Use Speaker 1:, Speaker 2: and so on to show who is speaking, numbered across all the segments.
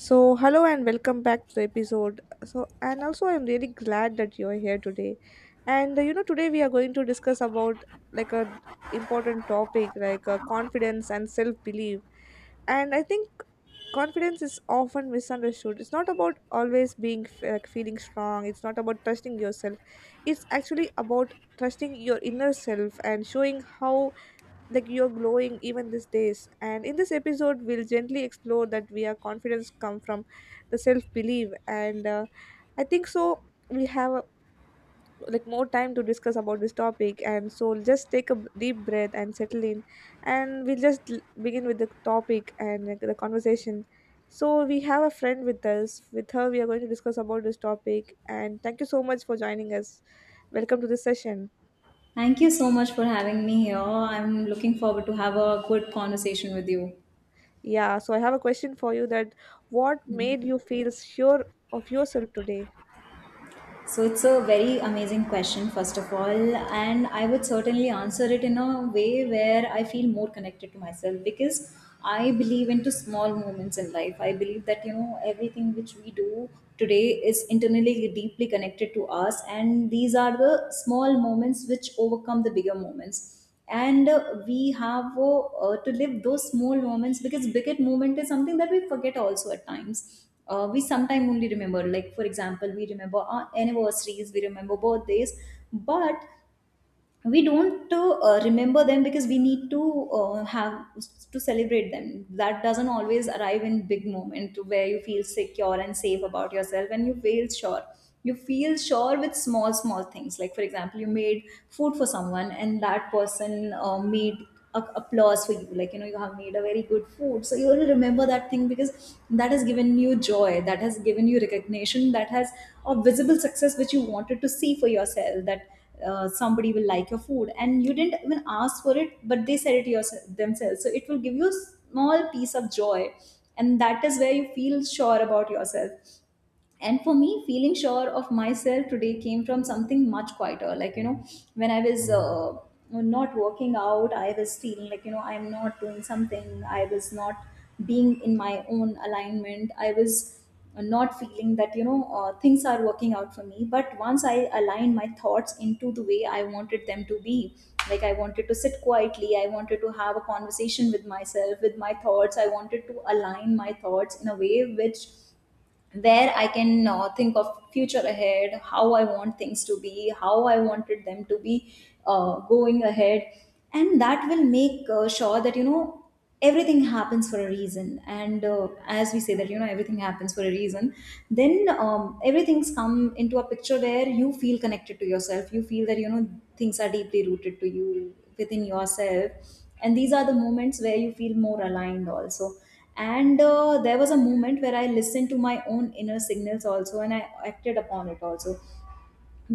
Speaker 1: So, hello and welcome back to the episode. And also I'm really glad that you're here today. Today we are going to discuss about a important topic like confidence and self-belief. And I think confidence is often misunderstood. It's not about always being f- like feeling strong. It's not about trusting yourself. It's actually about trusting your inner self and showing how like you're glowing even these days. And in this episode we'll gently explore that we are confidence come from the self belief. And I think so We have like more time to discuss about this topic. And so just take a deep breath and settle in, and we'll just begin with the topic and, like, the conversation. So we have a friend with us. With her we are going to discuss about this topic. And thank you so much for joining us. Welcome to this session.
Speaker 2: Thank you so much for having me here. I'm looking forward to have a good conversation with you.
Speaker 1: Yeah, so I have a question for you, that what made you feel sure of yourself today?
Speaker 2: So it's a very amazing question, first of all, and I would certainly answer it in a way where I feel more connected to myself because I believe into small moments in life. I believe that you know everything which we do today is internally deeply connected to us, and these are the small moments which overcome the bigger moments. And we have to live those small moments because bigger moment is something that we forget also at times. We sometimes only remember, like for example, we remember our anniversaries, we remember birthdays, but we don't remember them because we need to have to celebrate them. That doesn't always arrive in big moment where you feel secure and safe about yourself and you feel sure. You feel sure with small small things. Like for example, you made food for someone and that person made applause for you, like you know, you have made a very good food, so you will remember that thing because that has given you joy, that has given you recognition, that has a visible success which you wanted to see for yourself, that somebody will like your food and you didn't even ask for it but they said it yourself, themselves, so it will give you a small piece of joy, and that is where you feel sure about yourself. And for me, feeling sure of myself today came from something much quieter. Like you know, when I was not working out, I was feeling like you know I'm not doing something, I was not being in my own alignment, I was not feeling that you know things are working out for me. But once I aligned my thoughts into the way I wanted them to be, like I wanted to sit quietly, I wanted to have a conversation with myself, with my thoughts, I wanted to align my thoughts in a way which where I can think of future ahead, how I want things to be, how I wanted them to be going ahead, and that will make sure that you know everything happens for a reason. And as we say that you know everything happens for a reason, then everything's come into a picture where you feel connected to yourself. You feel that you know things are deeply rooted to you within yourself, and these are the moments where you feel more aligned also. And there was a moment where I listened to my own inner signals also and I acted upon it also,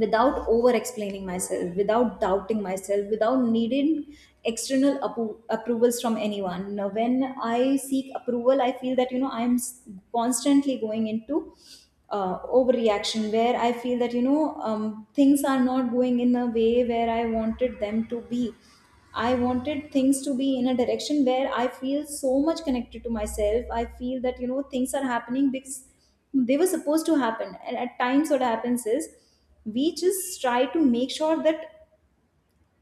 Speaker 2: without over explaining myself, without doubting myself, without needing external approvals from anyone. Now, when I seek approval, I feel that you know constantly going into overreaction where I feel that you know things are not going in the way where I wanted them to be. I wanted things to be in a direction where I feel so much connected to myself. I feel that you know things are happening because they were supposed to happen, and at times what happens is we just try to make sure that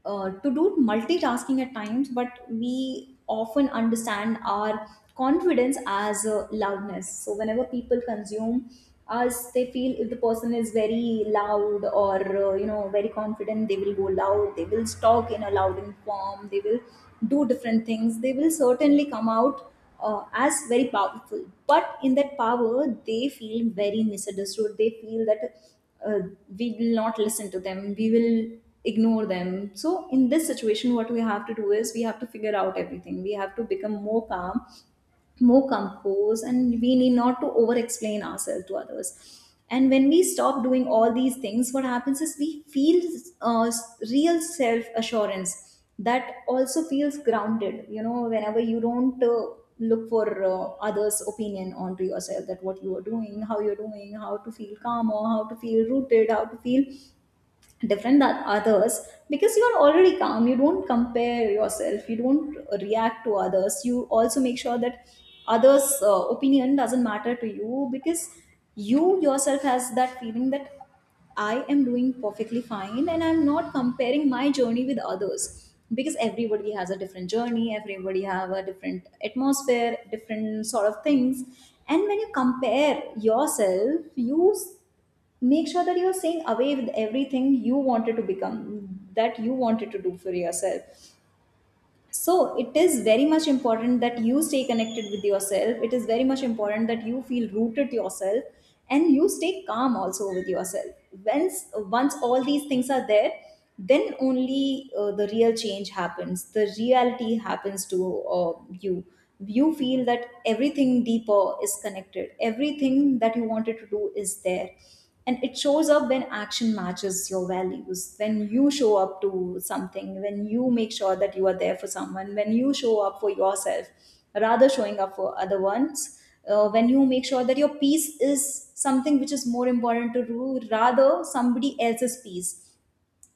Speaker 2: to do multitasking at times. But we often understand our confidence as loudness, so whenever people consume us, they feel if the person is very loud or you know very confident, they will go loud, they will talk in a loud form, they will do different things, they will certainly come out as very powerful. But in that power they feel very misunderstood, they feel that uh, we will not listen to them, we will ignore them. So in this situation what we have to do is we have to figure out everything, we have to become more calm, more composed, and we need not to over explain ourselves to others. And when we stop doing all these things, what happens is we feel uh, real self assurance that also feels grounded. You know, whenever you don't look for others opinion onto yourself, that what you are doing, how you're doing, how to feel calm or how to feel rooted, how to feel different than others, because you are already calm, you don't compare yourself, you don't react to others, you also make sure that others opinion doesn't matter to you, because you yourself has that feeling that I am doing perfectly fine, and I'm not comparing my journey with others, because everybody has a different journey, everybody have a different atmosphere, different sort of things. And when you compare yourself, you make sure that you're saying away with everything you wanted to become, that you wanted to do for yourself. So it is very much important that you stay connected with yourself, it is very much important that you feel rooted to yourself and you stay calm also with yourself. Once all these things are there, then only the real change happens, the reality happens to you. You feel that everything deeper is connected, everything that you wanted to do is there, and it shows up when action matches your values, when you show up to something, when you make sure that you are there for someone, when you show up for yourself rather showing up for other ones. When you make sure that your peace is something which is more important to you rather somebody else's peace,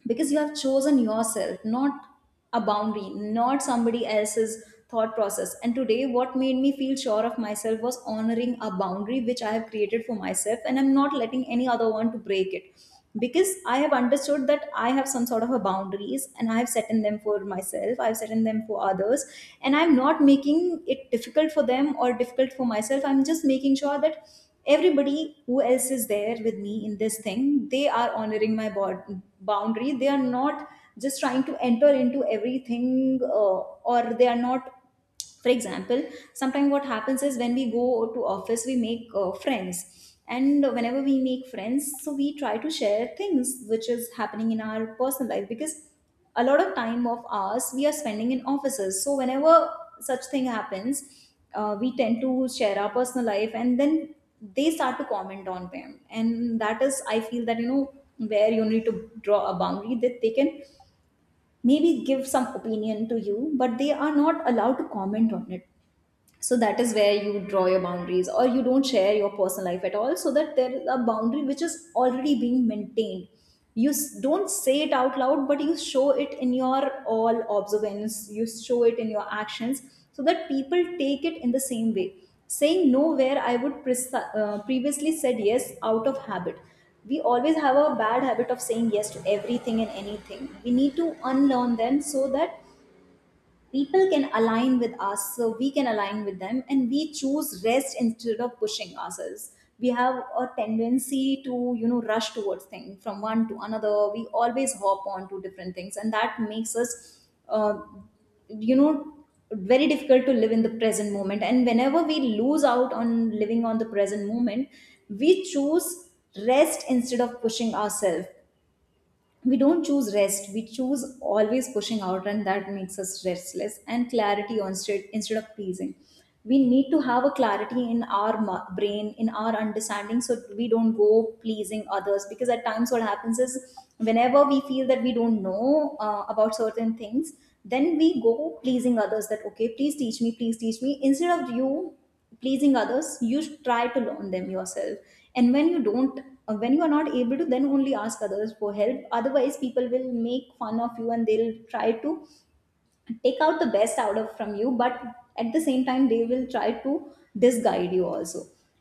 Speaker 2: because you have chosen yourself, not a boundary, not somebody else's thought process. And today what made me feel sure of myself was honoring a boundary which I have created for myself, and I'm not letting any other one to break it, because I have understood that I have some sort of a boundaries and I have set in them for myself, I've set in them for others, and I'm not making it difficult for them or difficult for myself. I'm just making sure that everybody who else is there with me in this thing, they are honoring my boundary, they are not just trying to enter into everything, or they are not, for example, sometimes what happens is when we go to office we make friends, and whenever we make friends, so we try to share things which is happening in our personal life, because a lot of time of ours we are spending in offices. So whenever such thing happens, we tend to share our personal life, and then they start to comment on them, and that is, I feel that you know, where you need to draw a boundary, that they can maybe give some opinion to you but they are not allowed to comment on it. So that is where you draw your boundaries, or you don't share your personal life at all, so that there is a boundary which is already being maintained. You don't say it out loud, but you show it in your all observance, you show it in your actions, so that people take it in the same way. Saying no where I would previously said yes out of habit. We always have a bad habit of saying yes to everything and anything, we need to unlearn them, so that people can align with us, so we can align with them. And we choose rest instead of pushing ourselves. We have a tendency to you know rush towards things from one to another, we always hop on to different things, and that makes us you know very difficult to live in the present moment. And whenever we lose out on living on the present moment, we choose rest instead of pushing ourselves. We don't choose rest, we choose always pushing out, and that makes us restless. And clarity on straight instead of pleasing. We need to have a clarity in our brain, in our understanding, so we don't go pleasing others, because at times what happens is whenever we feel that we don't know about certain things, then we go pleasing others that okay please teach me, please teach me. Instead of you pleasing others you should try to learn them yourself, and when you don't when you are not able to, then only ask others for help, otherwise people will make fun of you and they'll try to take out the best out of from you, but at the same time they will try to disguide you also.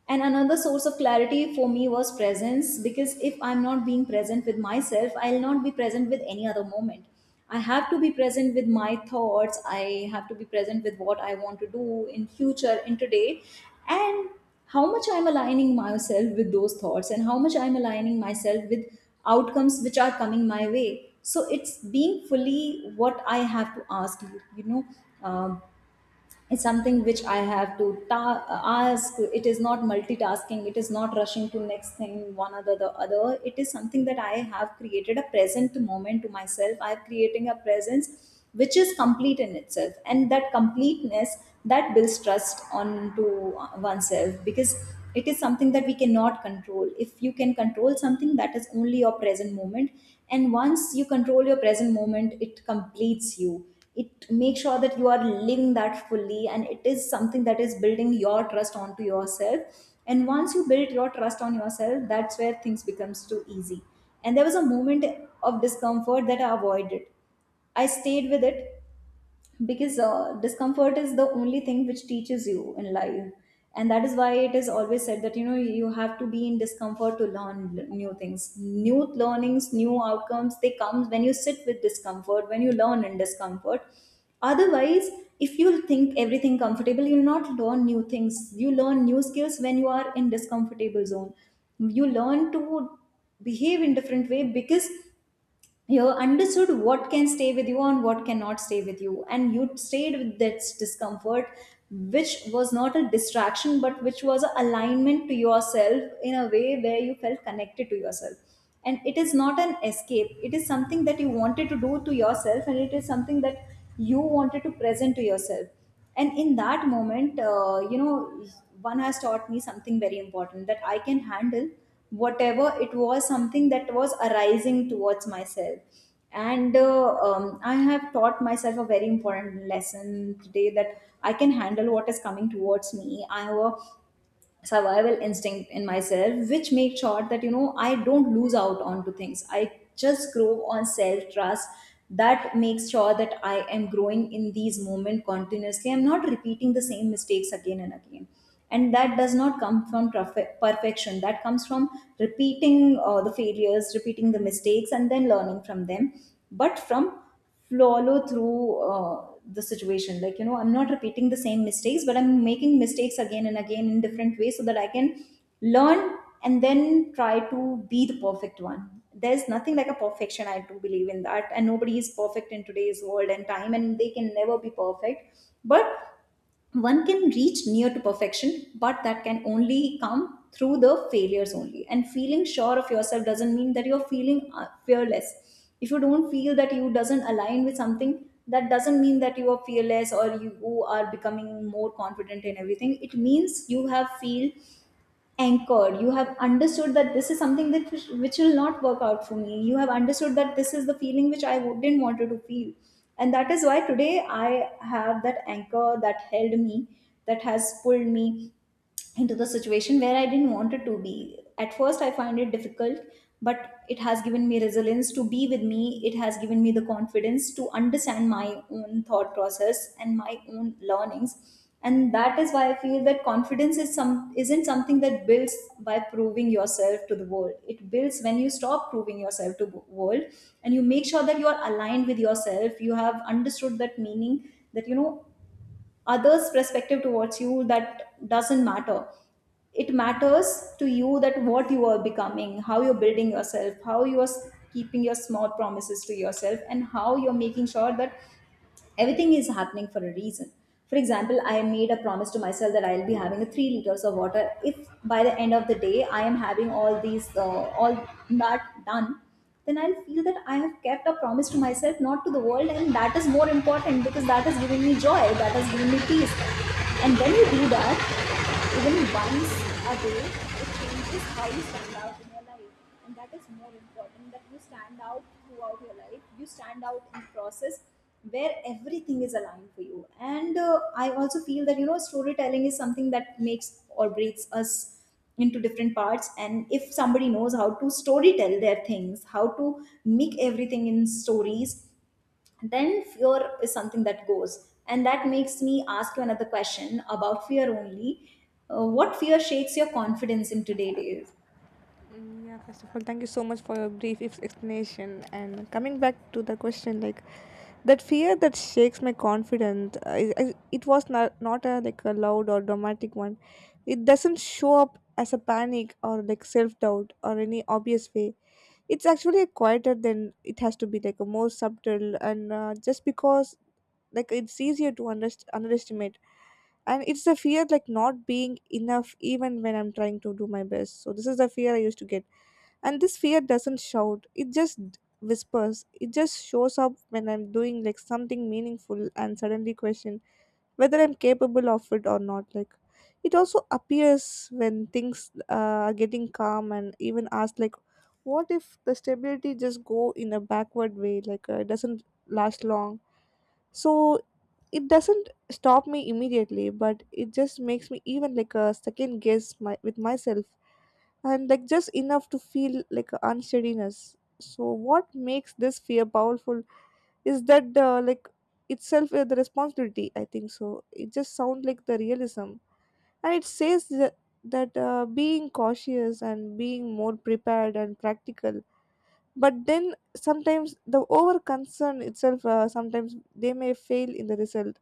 Speaker 2: And another source of clarity for me was presence, because if I'm not being present with myself, I'll not be present with any other moment. I have to be present with my thoughts, I have to be present with what I want to do in future, in today, and how much I'm aligning myself with those thoughts and how much I'm aligning myself with outcomes which are coming my way. So it's being fully what I have to ask, you know, um, it's something which I have to ask. It is not multitasking, it is not rushing to next thing, one other the other. It is something that I have created a present moment to myself, I'm creating a presence which is complete in itself, and that completeness, that builds trust onto oneself, because it is something that we cannot control. If you can control something, that is only your present moment, and once you control your present moment it completes you. It makes sure that you are living that fully, and it is something that is building your trust onto yourself. And once you build your trust on yourself, that's where things becomes too easy. And there was a moment of discomfort that I avoided, I stayed with it, because discomfort is the only thing which teaches you in life. And that is why it is always said that, you know, you have to be in discomfort to learn new things, new learnings, new outcomes. They come when you sit with discomfort, when you learn in discomfort. Otherwise, if you think everything comfortable, you'll not learn new things. You learn new skills when you are in discomfortable zone. You learn to behave in different way, because you understood what can stay with you and what cannot stay with you, and you stayed with that discomfort, which was not a distraction, but which was an alignment to yourself in a way where you felt connected to yourself. And it is not an escape, it is something that you wanted to do to yourself, and it is something that you wanted to present to yourself. And in that moment, you know, one has taught me something very important, that I can handle whatever. It was something that was arising towards myself, and I have taught myself a very important lesson today, that I can handle what is coming towards me. I have a survival instinct in myself which make sure that, you know, I don't lose out onto things, I just grow on self trust. That makes sure that I am growing in these moments continuously, I'm not repeating the same mistakes again and again. And that does not come from perfection, that comes from repeating the failures, repeating the mistakes, and then learning from them. But from follow through the situation, like, you know, I'm not repeating the same mistakes, but I'm making mistakes again and again in different ways, so that I can learn, and then try to be the perfect one. There's nothing like a perfection, I do believe in that, and nobody is perfect in today's world and time, and they can never be perfect. But one can reach near to perfection, but that can only come through the failures only. And feeling sure of yourself doesn't mean that you're feeling fearless. If you don't feel that you doesn't align with something, that doesn't mean that you are fearless or you are becoming more confident in everything. It means you have feel anchored, you have understood that this is something which will not work out for me. You have understood that this is the feeling which i didn't wanted to feel. And that is why today I have that anchor that held me, that has pulled me into the situation where I didn't want it to be. At first, I find it difficult, but it has given me resilience to be with me. It has given me the confidence to understand my own thought process and my own learnings. And that is why I feel that confidence is some isn't something that builds by proving yourself to the world. It builds when you stop proving yourself to the world and you make sure that you are aligned with yourself. You have understood that meaning, that, you know, others perspective towards you, that doesn't matter. It matters to you, that what you are becoming, how you're building yourself, how you're keeping your small promises to yourself, and how you're making sure that everything is happening for a reason. For example, I made a promise to myself that I'll be having a 3 liters of water. If by the end of the day I am having all these all that done, then I'll feel that I have kept a promise to myself, not to the world, and that is more important, because that is giving me joy, that is giving me peace. And when you do that, even once a day, it changes how you stand out in your life. And that is more important, that you stand out throughout your life. You stand out in the process where everything is aligned for you. And I also feel that, you know, storytelling is something that makes or breaks us into different parts, and if somebody knows how to story tell their things, how to make everything in stories, then fear is something that goes. And that makes me ask you another question about fear only. What fear shakes your confidence in today's days?
Speaker 1: Mm, yeah, first of all, thank you so much for your brief explanation. And coming back to the question, like, that fear that shakes my confidence, I it was not a like a loud or dramatic one. It doesn't show up as a panic or like self doubt or any obvious way. It's actually quieter than it has to be, like a more subtle. And Just because like it's easier to underestimate. And it's the fear like not being enough even when I'm trying to do my best. So this is the fear I used to get. And this fear doesn't shout, it just whispers. It just shows up when I'm doing like something meaningful and suddenly question whether I'm capable of it or not. Like, it also appears when things are getting calm, and even ask like, what if the stability just go in a backward way? Like it doesn't last long. So it doesn't stop me immediately, but it just makes me even like a second guess my with myself, and like just enough to feel like a unsteadiness. So what makes this fear powerful is that like itself the responsibility, I think so. It just sounds like the realism, and it says that being cautious and being more prepared and practical. But then sometimes the over concern itself, sometimes they may fail in the result,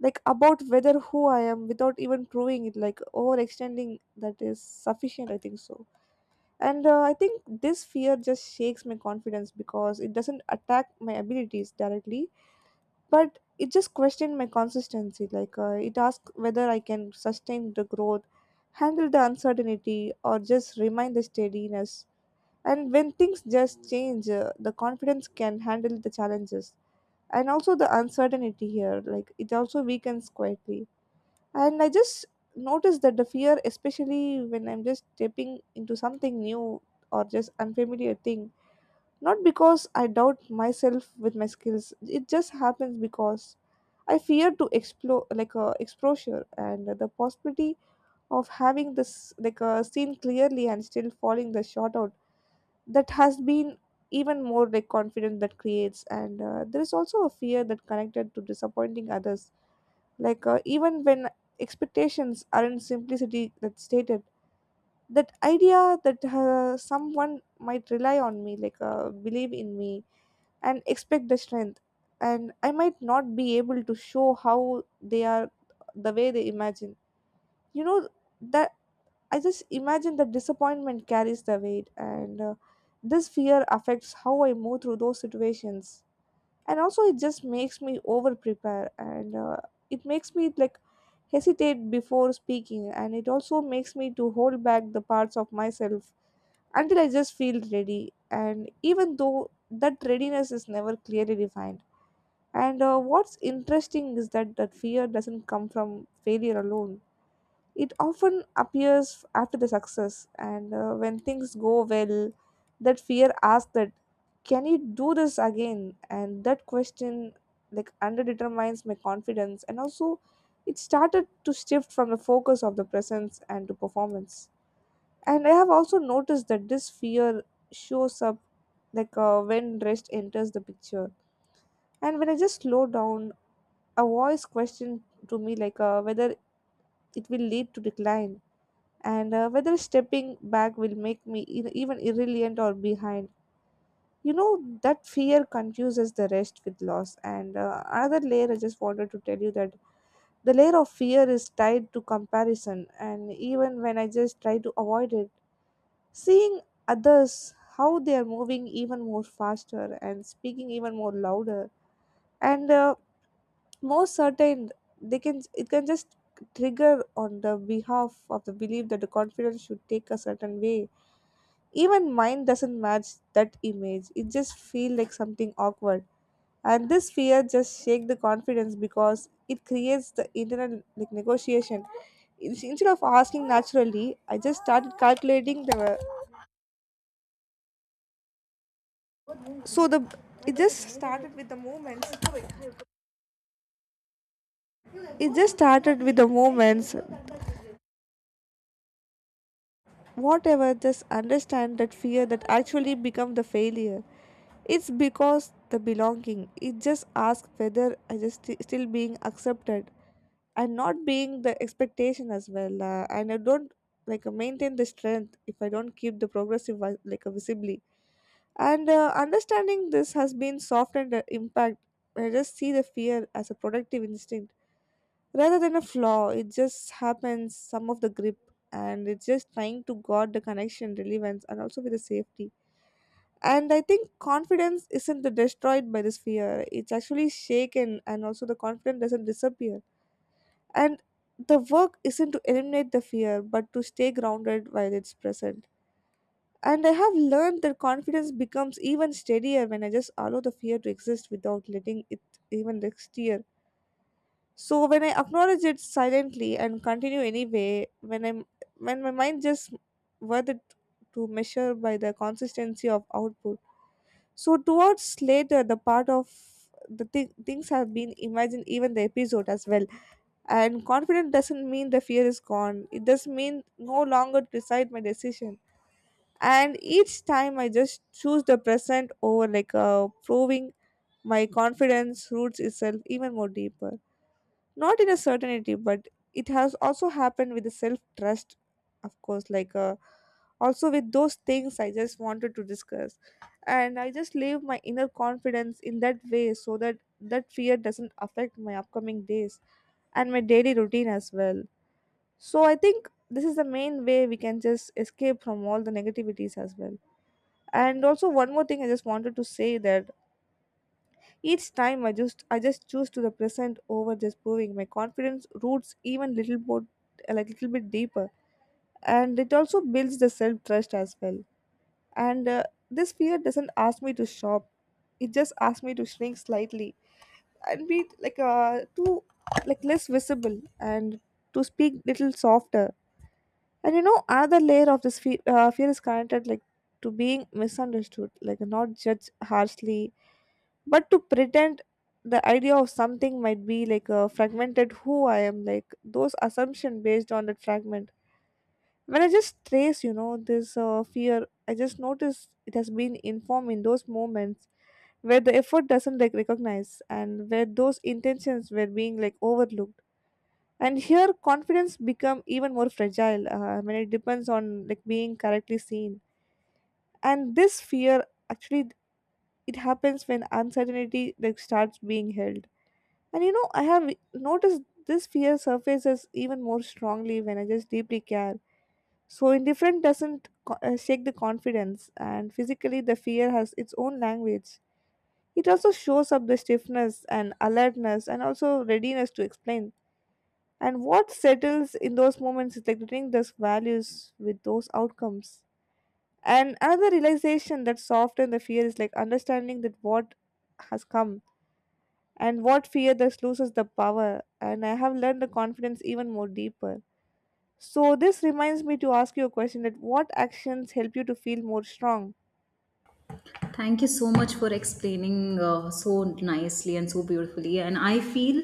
Speaker 1: like about whether who I am without even proving it, like overextending that is sufficient, I think so. And I think this fear just shakes my confidence because it doesn't attack my abilities directly, but it just questioned my consistency. Like it asks whether I can sustain the growth, handle the uncertainty, or just remain the steadiness. And when things just change, the confidence can handle the challenges and also the uncertainty here. Like, it also weakens quietly, and I just notice that the fear, especially when I'm just stepping into something new or just unfamiliar thing, not because I doubt myself with my skills. It just happens because I fear to explore, like a exposure and the possibility of having this like a seen clearly and still falling the short out. That has been even more like confident that creates. And There is also a fear that connected to disappointing others. Like even when expectations are not simplicity that's stated, that idea that someone might rely on me, like believe in me and expect the strength, and I might not be able to show how they are the way they imagine, you know, that I just imagine that disappointment carries the weight. And This fear affects how I move through those situations, and also it just makes me over prepare. And It makes me like hesitate before speaking, and it also makes me to hold back the parts of myself until I just feel ready, and even though that readiness is never clearly defined. And What's interesting is that that fear doesn't come from failure alone. It often appears after the success. And When things go well, that fear asks that, can you do this again? And that question, like, underdetermines my confidence, and also it started to shift from the focus of the presence and to performance. And I have also noticed that this fear shows up like when rest enters the picture. And when I just slow down, a voice question to me, like whether it will lead to decline, and whether stepping back will make me even irrelevant or behind. You know, that fear confuses the rest with loss. And Another layer I just wanted to tell you, that the layer of fear is tied to comparison. And even when I just try to avoid it, seeing others how they are moving even more faster and speaking even more louder and more certain, they can, it can just trigger on the behalf of the belief that the confidence should take a certain way. Even mine doesn't match that image. It just feels like something awkward. And this fear just shake the confidence because it creates the internal like negotiation. Instead of asking naturally, I just started calculating the, so the, it just started with the moments. It just started with the moments. Whatever, just understand that fear that actually become the failure. It's because the belonging. It just asks whether I just still being accepted and not being the expectation as well. And I don't like maintain the strength if I don't keep the progressive visibly. And Understanding this has been softened the impact. I just see the fear as a productive instinct rather than a flaw. It just happens some of the grip, and it's just trying to guard the connection, relevance, and also with the safety. And I think confidence isn't destroyed by this fear. It's actually shaken, and also the confidence doesn't disappear. And the work isn't to eliminate the fear, but to stay grounded while it's present. And I have learned that confidence becomes even steadier when I just allow the fear to exist without letting it even steer. So when I acknowledge it silently and continue anyway, when I'm when my mind just worth it to measure by the consistency of output, so towards later, the part of the things have been imagined, even the episode as well. And confident doesn't mean the fear is gone. It does mean no longer decide my decision. And each time I just choose the present over like proving, my confidence roots itself even more deeper, not in a certainty, but it has also happened with the self trust. Of course, like also with those things I just wanted to discuss, and I just leave my inner confidence in that way so that that fear doesn't affect my upcoming days and my daily routine as well. So I think this is the main way we can just escape from all the negativities as well. And also one more thing I just wanted to say, that each time I just choose to the present over just proving, my confidence roots even little more, like little bit deeper, and it also builds the self trust as well. And This fear doesn't ask me to shop. It just asks me to shrink slightly and be like too like less visible and to speak little softer. And you know, another layer of this fear is connected like to being misunderstood, like not judged harshly, but to pretend the idea of something might be like a fragmented who I am, like those assumption based on that fragment. When I just trace, you know, this fear, I just notice it has been informed in those moments where the effort doesn't like recognize and where those intentions were being like overlooked. And here confidence become even more fragile when it depends on like being correctly seen. And this fear actually, it happens when uncertainty like starts being held. And you know, I have noticed this fear surfaces even more strongly when I just deeply care. So indifference doesn't shake the confidence. And physically, the fear has its own language. It also shows up the stiffness and alertness, and also readiness to explain. And what settles in those moments is like returning those values with those outcomes. And another realization that softens the fear is like understanding that what has come and what fear thus loses the power, and I have learned the confidence even more deeper. So this reminds me to ask you a question, that what actions help you to feel more strong?
Speaker 2: Thank you so much for explaining so nicely and so beautifully. And I feel,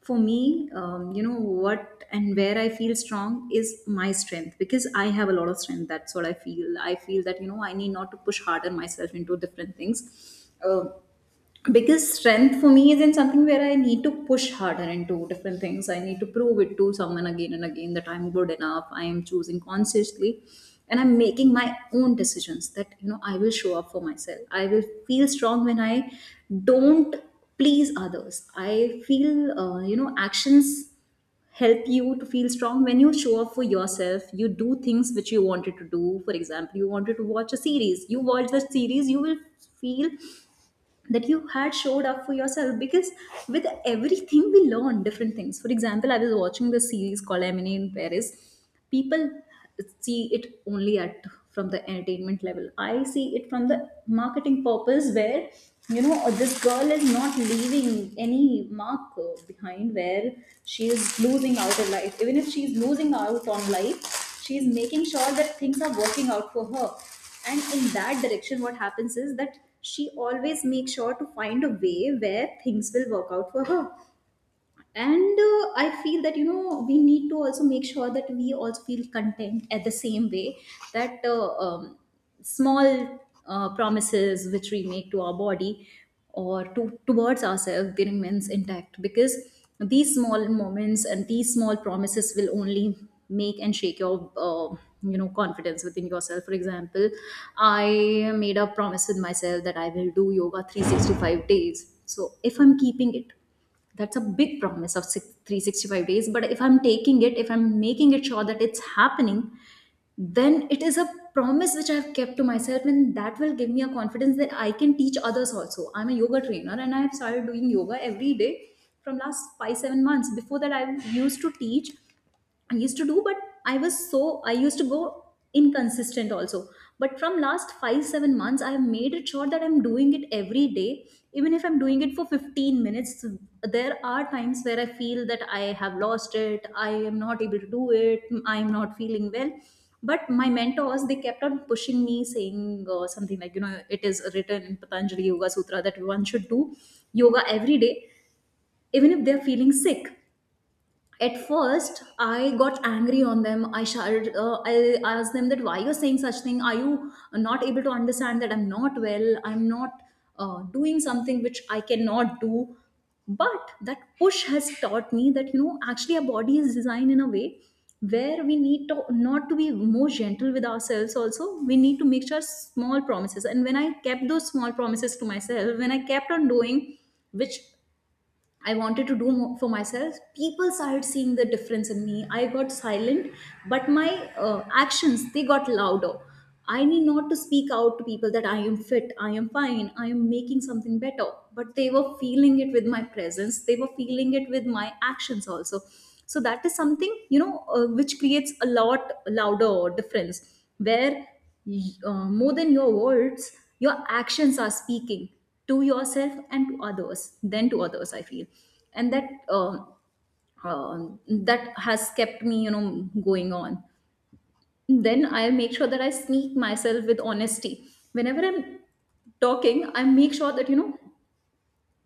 Speaker 2: for me, you know, what and where I feel strong is my strength, because I have a lot of strength. That's what I feel. I feel that, you know, I need not to push harder myself into different things. Um, biggest strength for me is in something where I need to push harder into different things. I need to prove it to someone again and again that I'm good enough. I am choosing consciously and I'm making my own decisions that, you know, I will show up for myself. I will feel strong when I don't please others. I feel, you know, actions help you to feel strong when you show up for yourself. You do things which you wanted to do. For example, you wanted to watch a series, you watch the series, you will feel that you had showed up for yourself. Because with everything we learn different things. For example, I was watching this series called Emily in Paris. People see it only at, from the entertainment level. I see it from the marketing purpose, where, you know, this girl is not leaving any mark behind, where she is losing out in life. Even if she is losing out on life, she is making sure that things are working out for her. And in that direction, what happens is that she always makes sure to find a way where things will work out for her. And I feel that, you know, we need to also make sure that we also feel content at the same way, that small promises which we make to our body or to towards ourselves, they remains intact. Because these small moments and these small promises will only make and shake your, you know, confidence within yourself. For example, I made a promise with myself that I will do yoga 365 days. So if I'm keeping it, that's a big promise of 365 days. But if I'm taking it, if I'm making it sure that it's happening, then it is a promise which I've kept to myself, and that will give me a confidence that I can teach others also. I'm a yoga trainer and I have started doing yoga every day from last 5 7 months. Before that I used to teach, I used to do, but I was so I used to go inconsistent also. But from last 5 7 months, I have made it sure that I'm doing it every day, even if I'm doing it for 15 minutes. There are times where I feel that I have lost it, I am not able to do it, I am not feeling well. But my mentors, they kept on pushing me, saying something like, you know, it is written in Patanjali Yoga Sutra that one should do yoga every day, even if they're feeling sick. At first I got angry on them, I shouted, I asked them that why you're saying such thing, are you not able to understand that I'm not well, I'm not doing something which I cannot do. But that push has taught me that, you know, actually our body is designed in a way where we need to not to be more gentle with ourselves also, we need to make sure small promises. And when I kept those small promises to myself, when I kept on doing which I wanted to do for myself, people started seeing the difference in me. I got silent, but my actions, they got louder. I need not to speak out to people that I am fit, I am fine, I am making something better. But they were feeling it with my presence. They were feeling it with my actions also. So that is something which creates a lot louder difference where more than your words, your actions are speaking to yourself and to others, then to others I feel. And um, that has kept me, you know, going on. Then I make sure that I sneak myself with honesty. Whenever I'm talking, I make sure that you know,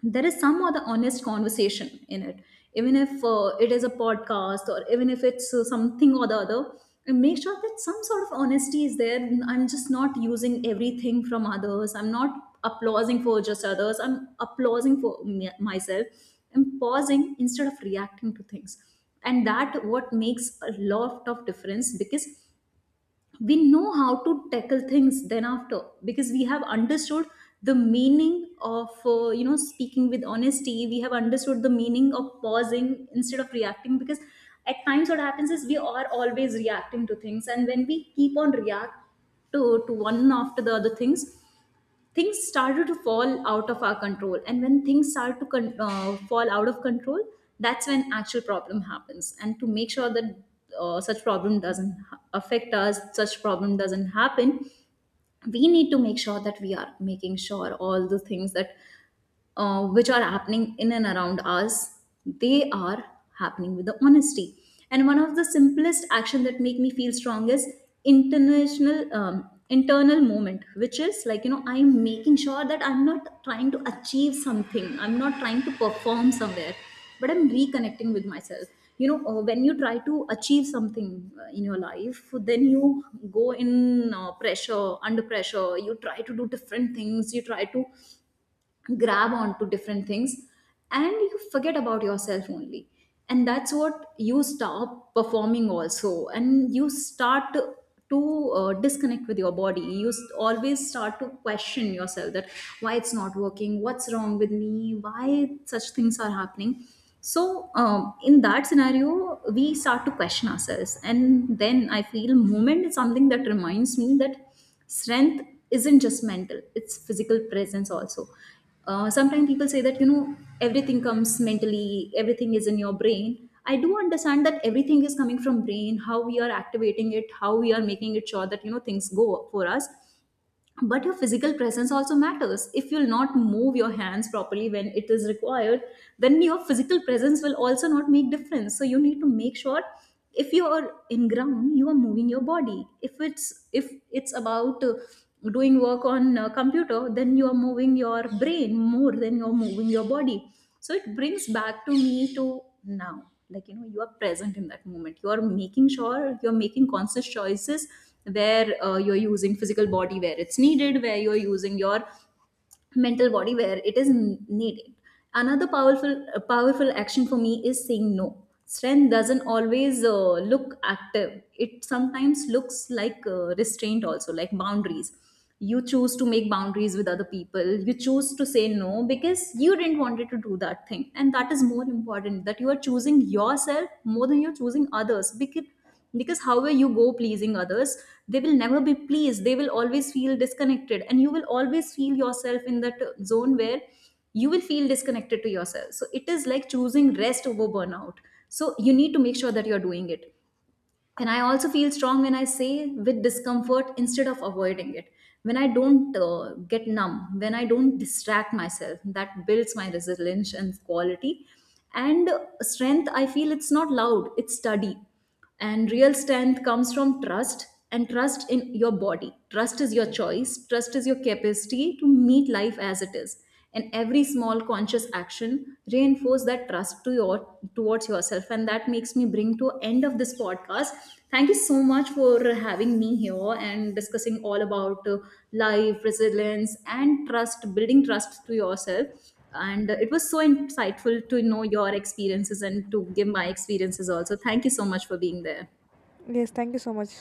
Speaker 2: there is some other honest conversation in it, even if it is a podcast or even if it's something or the other, and make sure that some sort of honesty is there. I'm just not using everything from others, I'm not applauding for just others, I'm applauding for myself. I'm pausing instead of reacting to things, and that what makes a lot of difference, because we know how to tackle things then after, because we have understood the meaning of speaking with honesty. We have understood the meaning of pausing instead of reacting, because at times what happens is we are always reacting to things, and when we keep on react to one after the other things, things started to fall out of our control. And when things start to fall out of control, that's when actual problem happens. And to make sure that such problem doesn't ha- affect us, such problem doesn't happen, we need to make sure that we are making sure all the things that which are happening in and around us, they are happening with the honesty. And one of the simplest action that make me feel strong is international internal moment, which is like, you know, I am making sure that I'm not trying to achieve something, I'm not trying to perform somewhere, but I'm reconnecting with myself. You know, when you try to achieve something in your life, then you go in under pressure. You try to do different things. You try to grab onto different things, and you forget about yourself only, and that's what you stop performing also. And you start to disconnect with your body. You always start to question yourself that why it's not working, what's wrong with me, why such things are happening. So in that scenario we start to question ourselves. And then I feel movement is something that reminds me that strength isn't just mental, it's physical presence also. Sometimes people say that, you know, everything comes mentally, everything is in your brain. I do understand that everything is coming from brain, how we are activating it, how we are making it sure that, you know, things go for us. But your physical presence also matters. If you'll not move your hands properly when it is required, then your physical presence will also not make difference. So you need to make sure, if you are in ground, you are moving your body. If it's about doing work on a computer, then you are moving your brain more than you are moving your body. So it brings back to me to now, like, you know, you are present in that moment, you are making sure you're making conscious choices, where you're using physical body where it's needed, where you're using your mental body where it is needed. Another powerful powerful action for me is saying no. Strength doesn't always look active, it sometimes looks like restraint also, like boundaries. You choose to make boundaries with other people, you choose to say no because you didn't wanted to do that thing, and that is more important, that you are choosing yourself more than you're choosing others. Because however you go pleasing others, they will never be pleased, they will always feel disconnected, and you will always feel yourself in that zone where you will feel disconnected to yourself. So it is like choosing rest over burnout. So you need to make sure that you're doing it. And I also feel strong when I say with discomfort instead of avoiding it. When I don't get numb, when I don't distract myself, that builds my resilience and quality. And strength, I feel, it's not loud, it's steady. And real strength comes from trust, and trust in your body. Trust is your choice, trust is your capacity to meet life as it is. And every small conscious action reinforce that trust to your towards yourself. And that makes me bring to end of this podcast. Thank you so much for having me here and discussing all about life, resilience, and trust, building trust to yourself. And it was so insightful to know your experiences and to give my experiences also. Thank you so much for being there.
Speaker 1: Yes, thank you so much.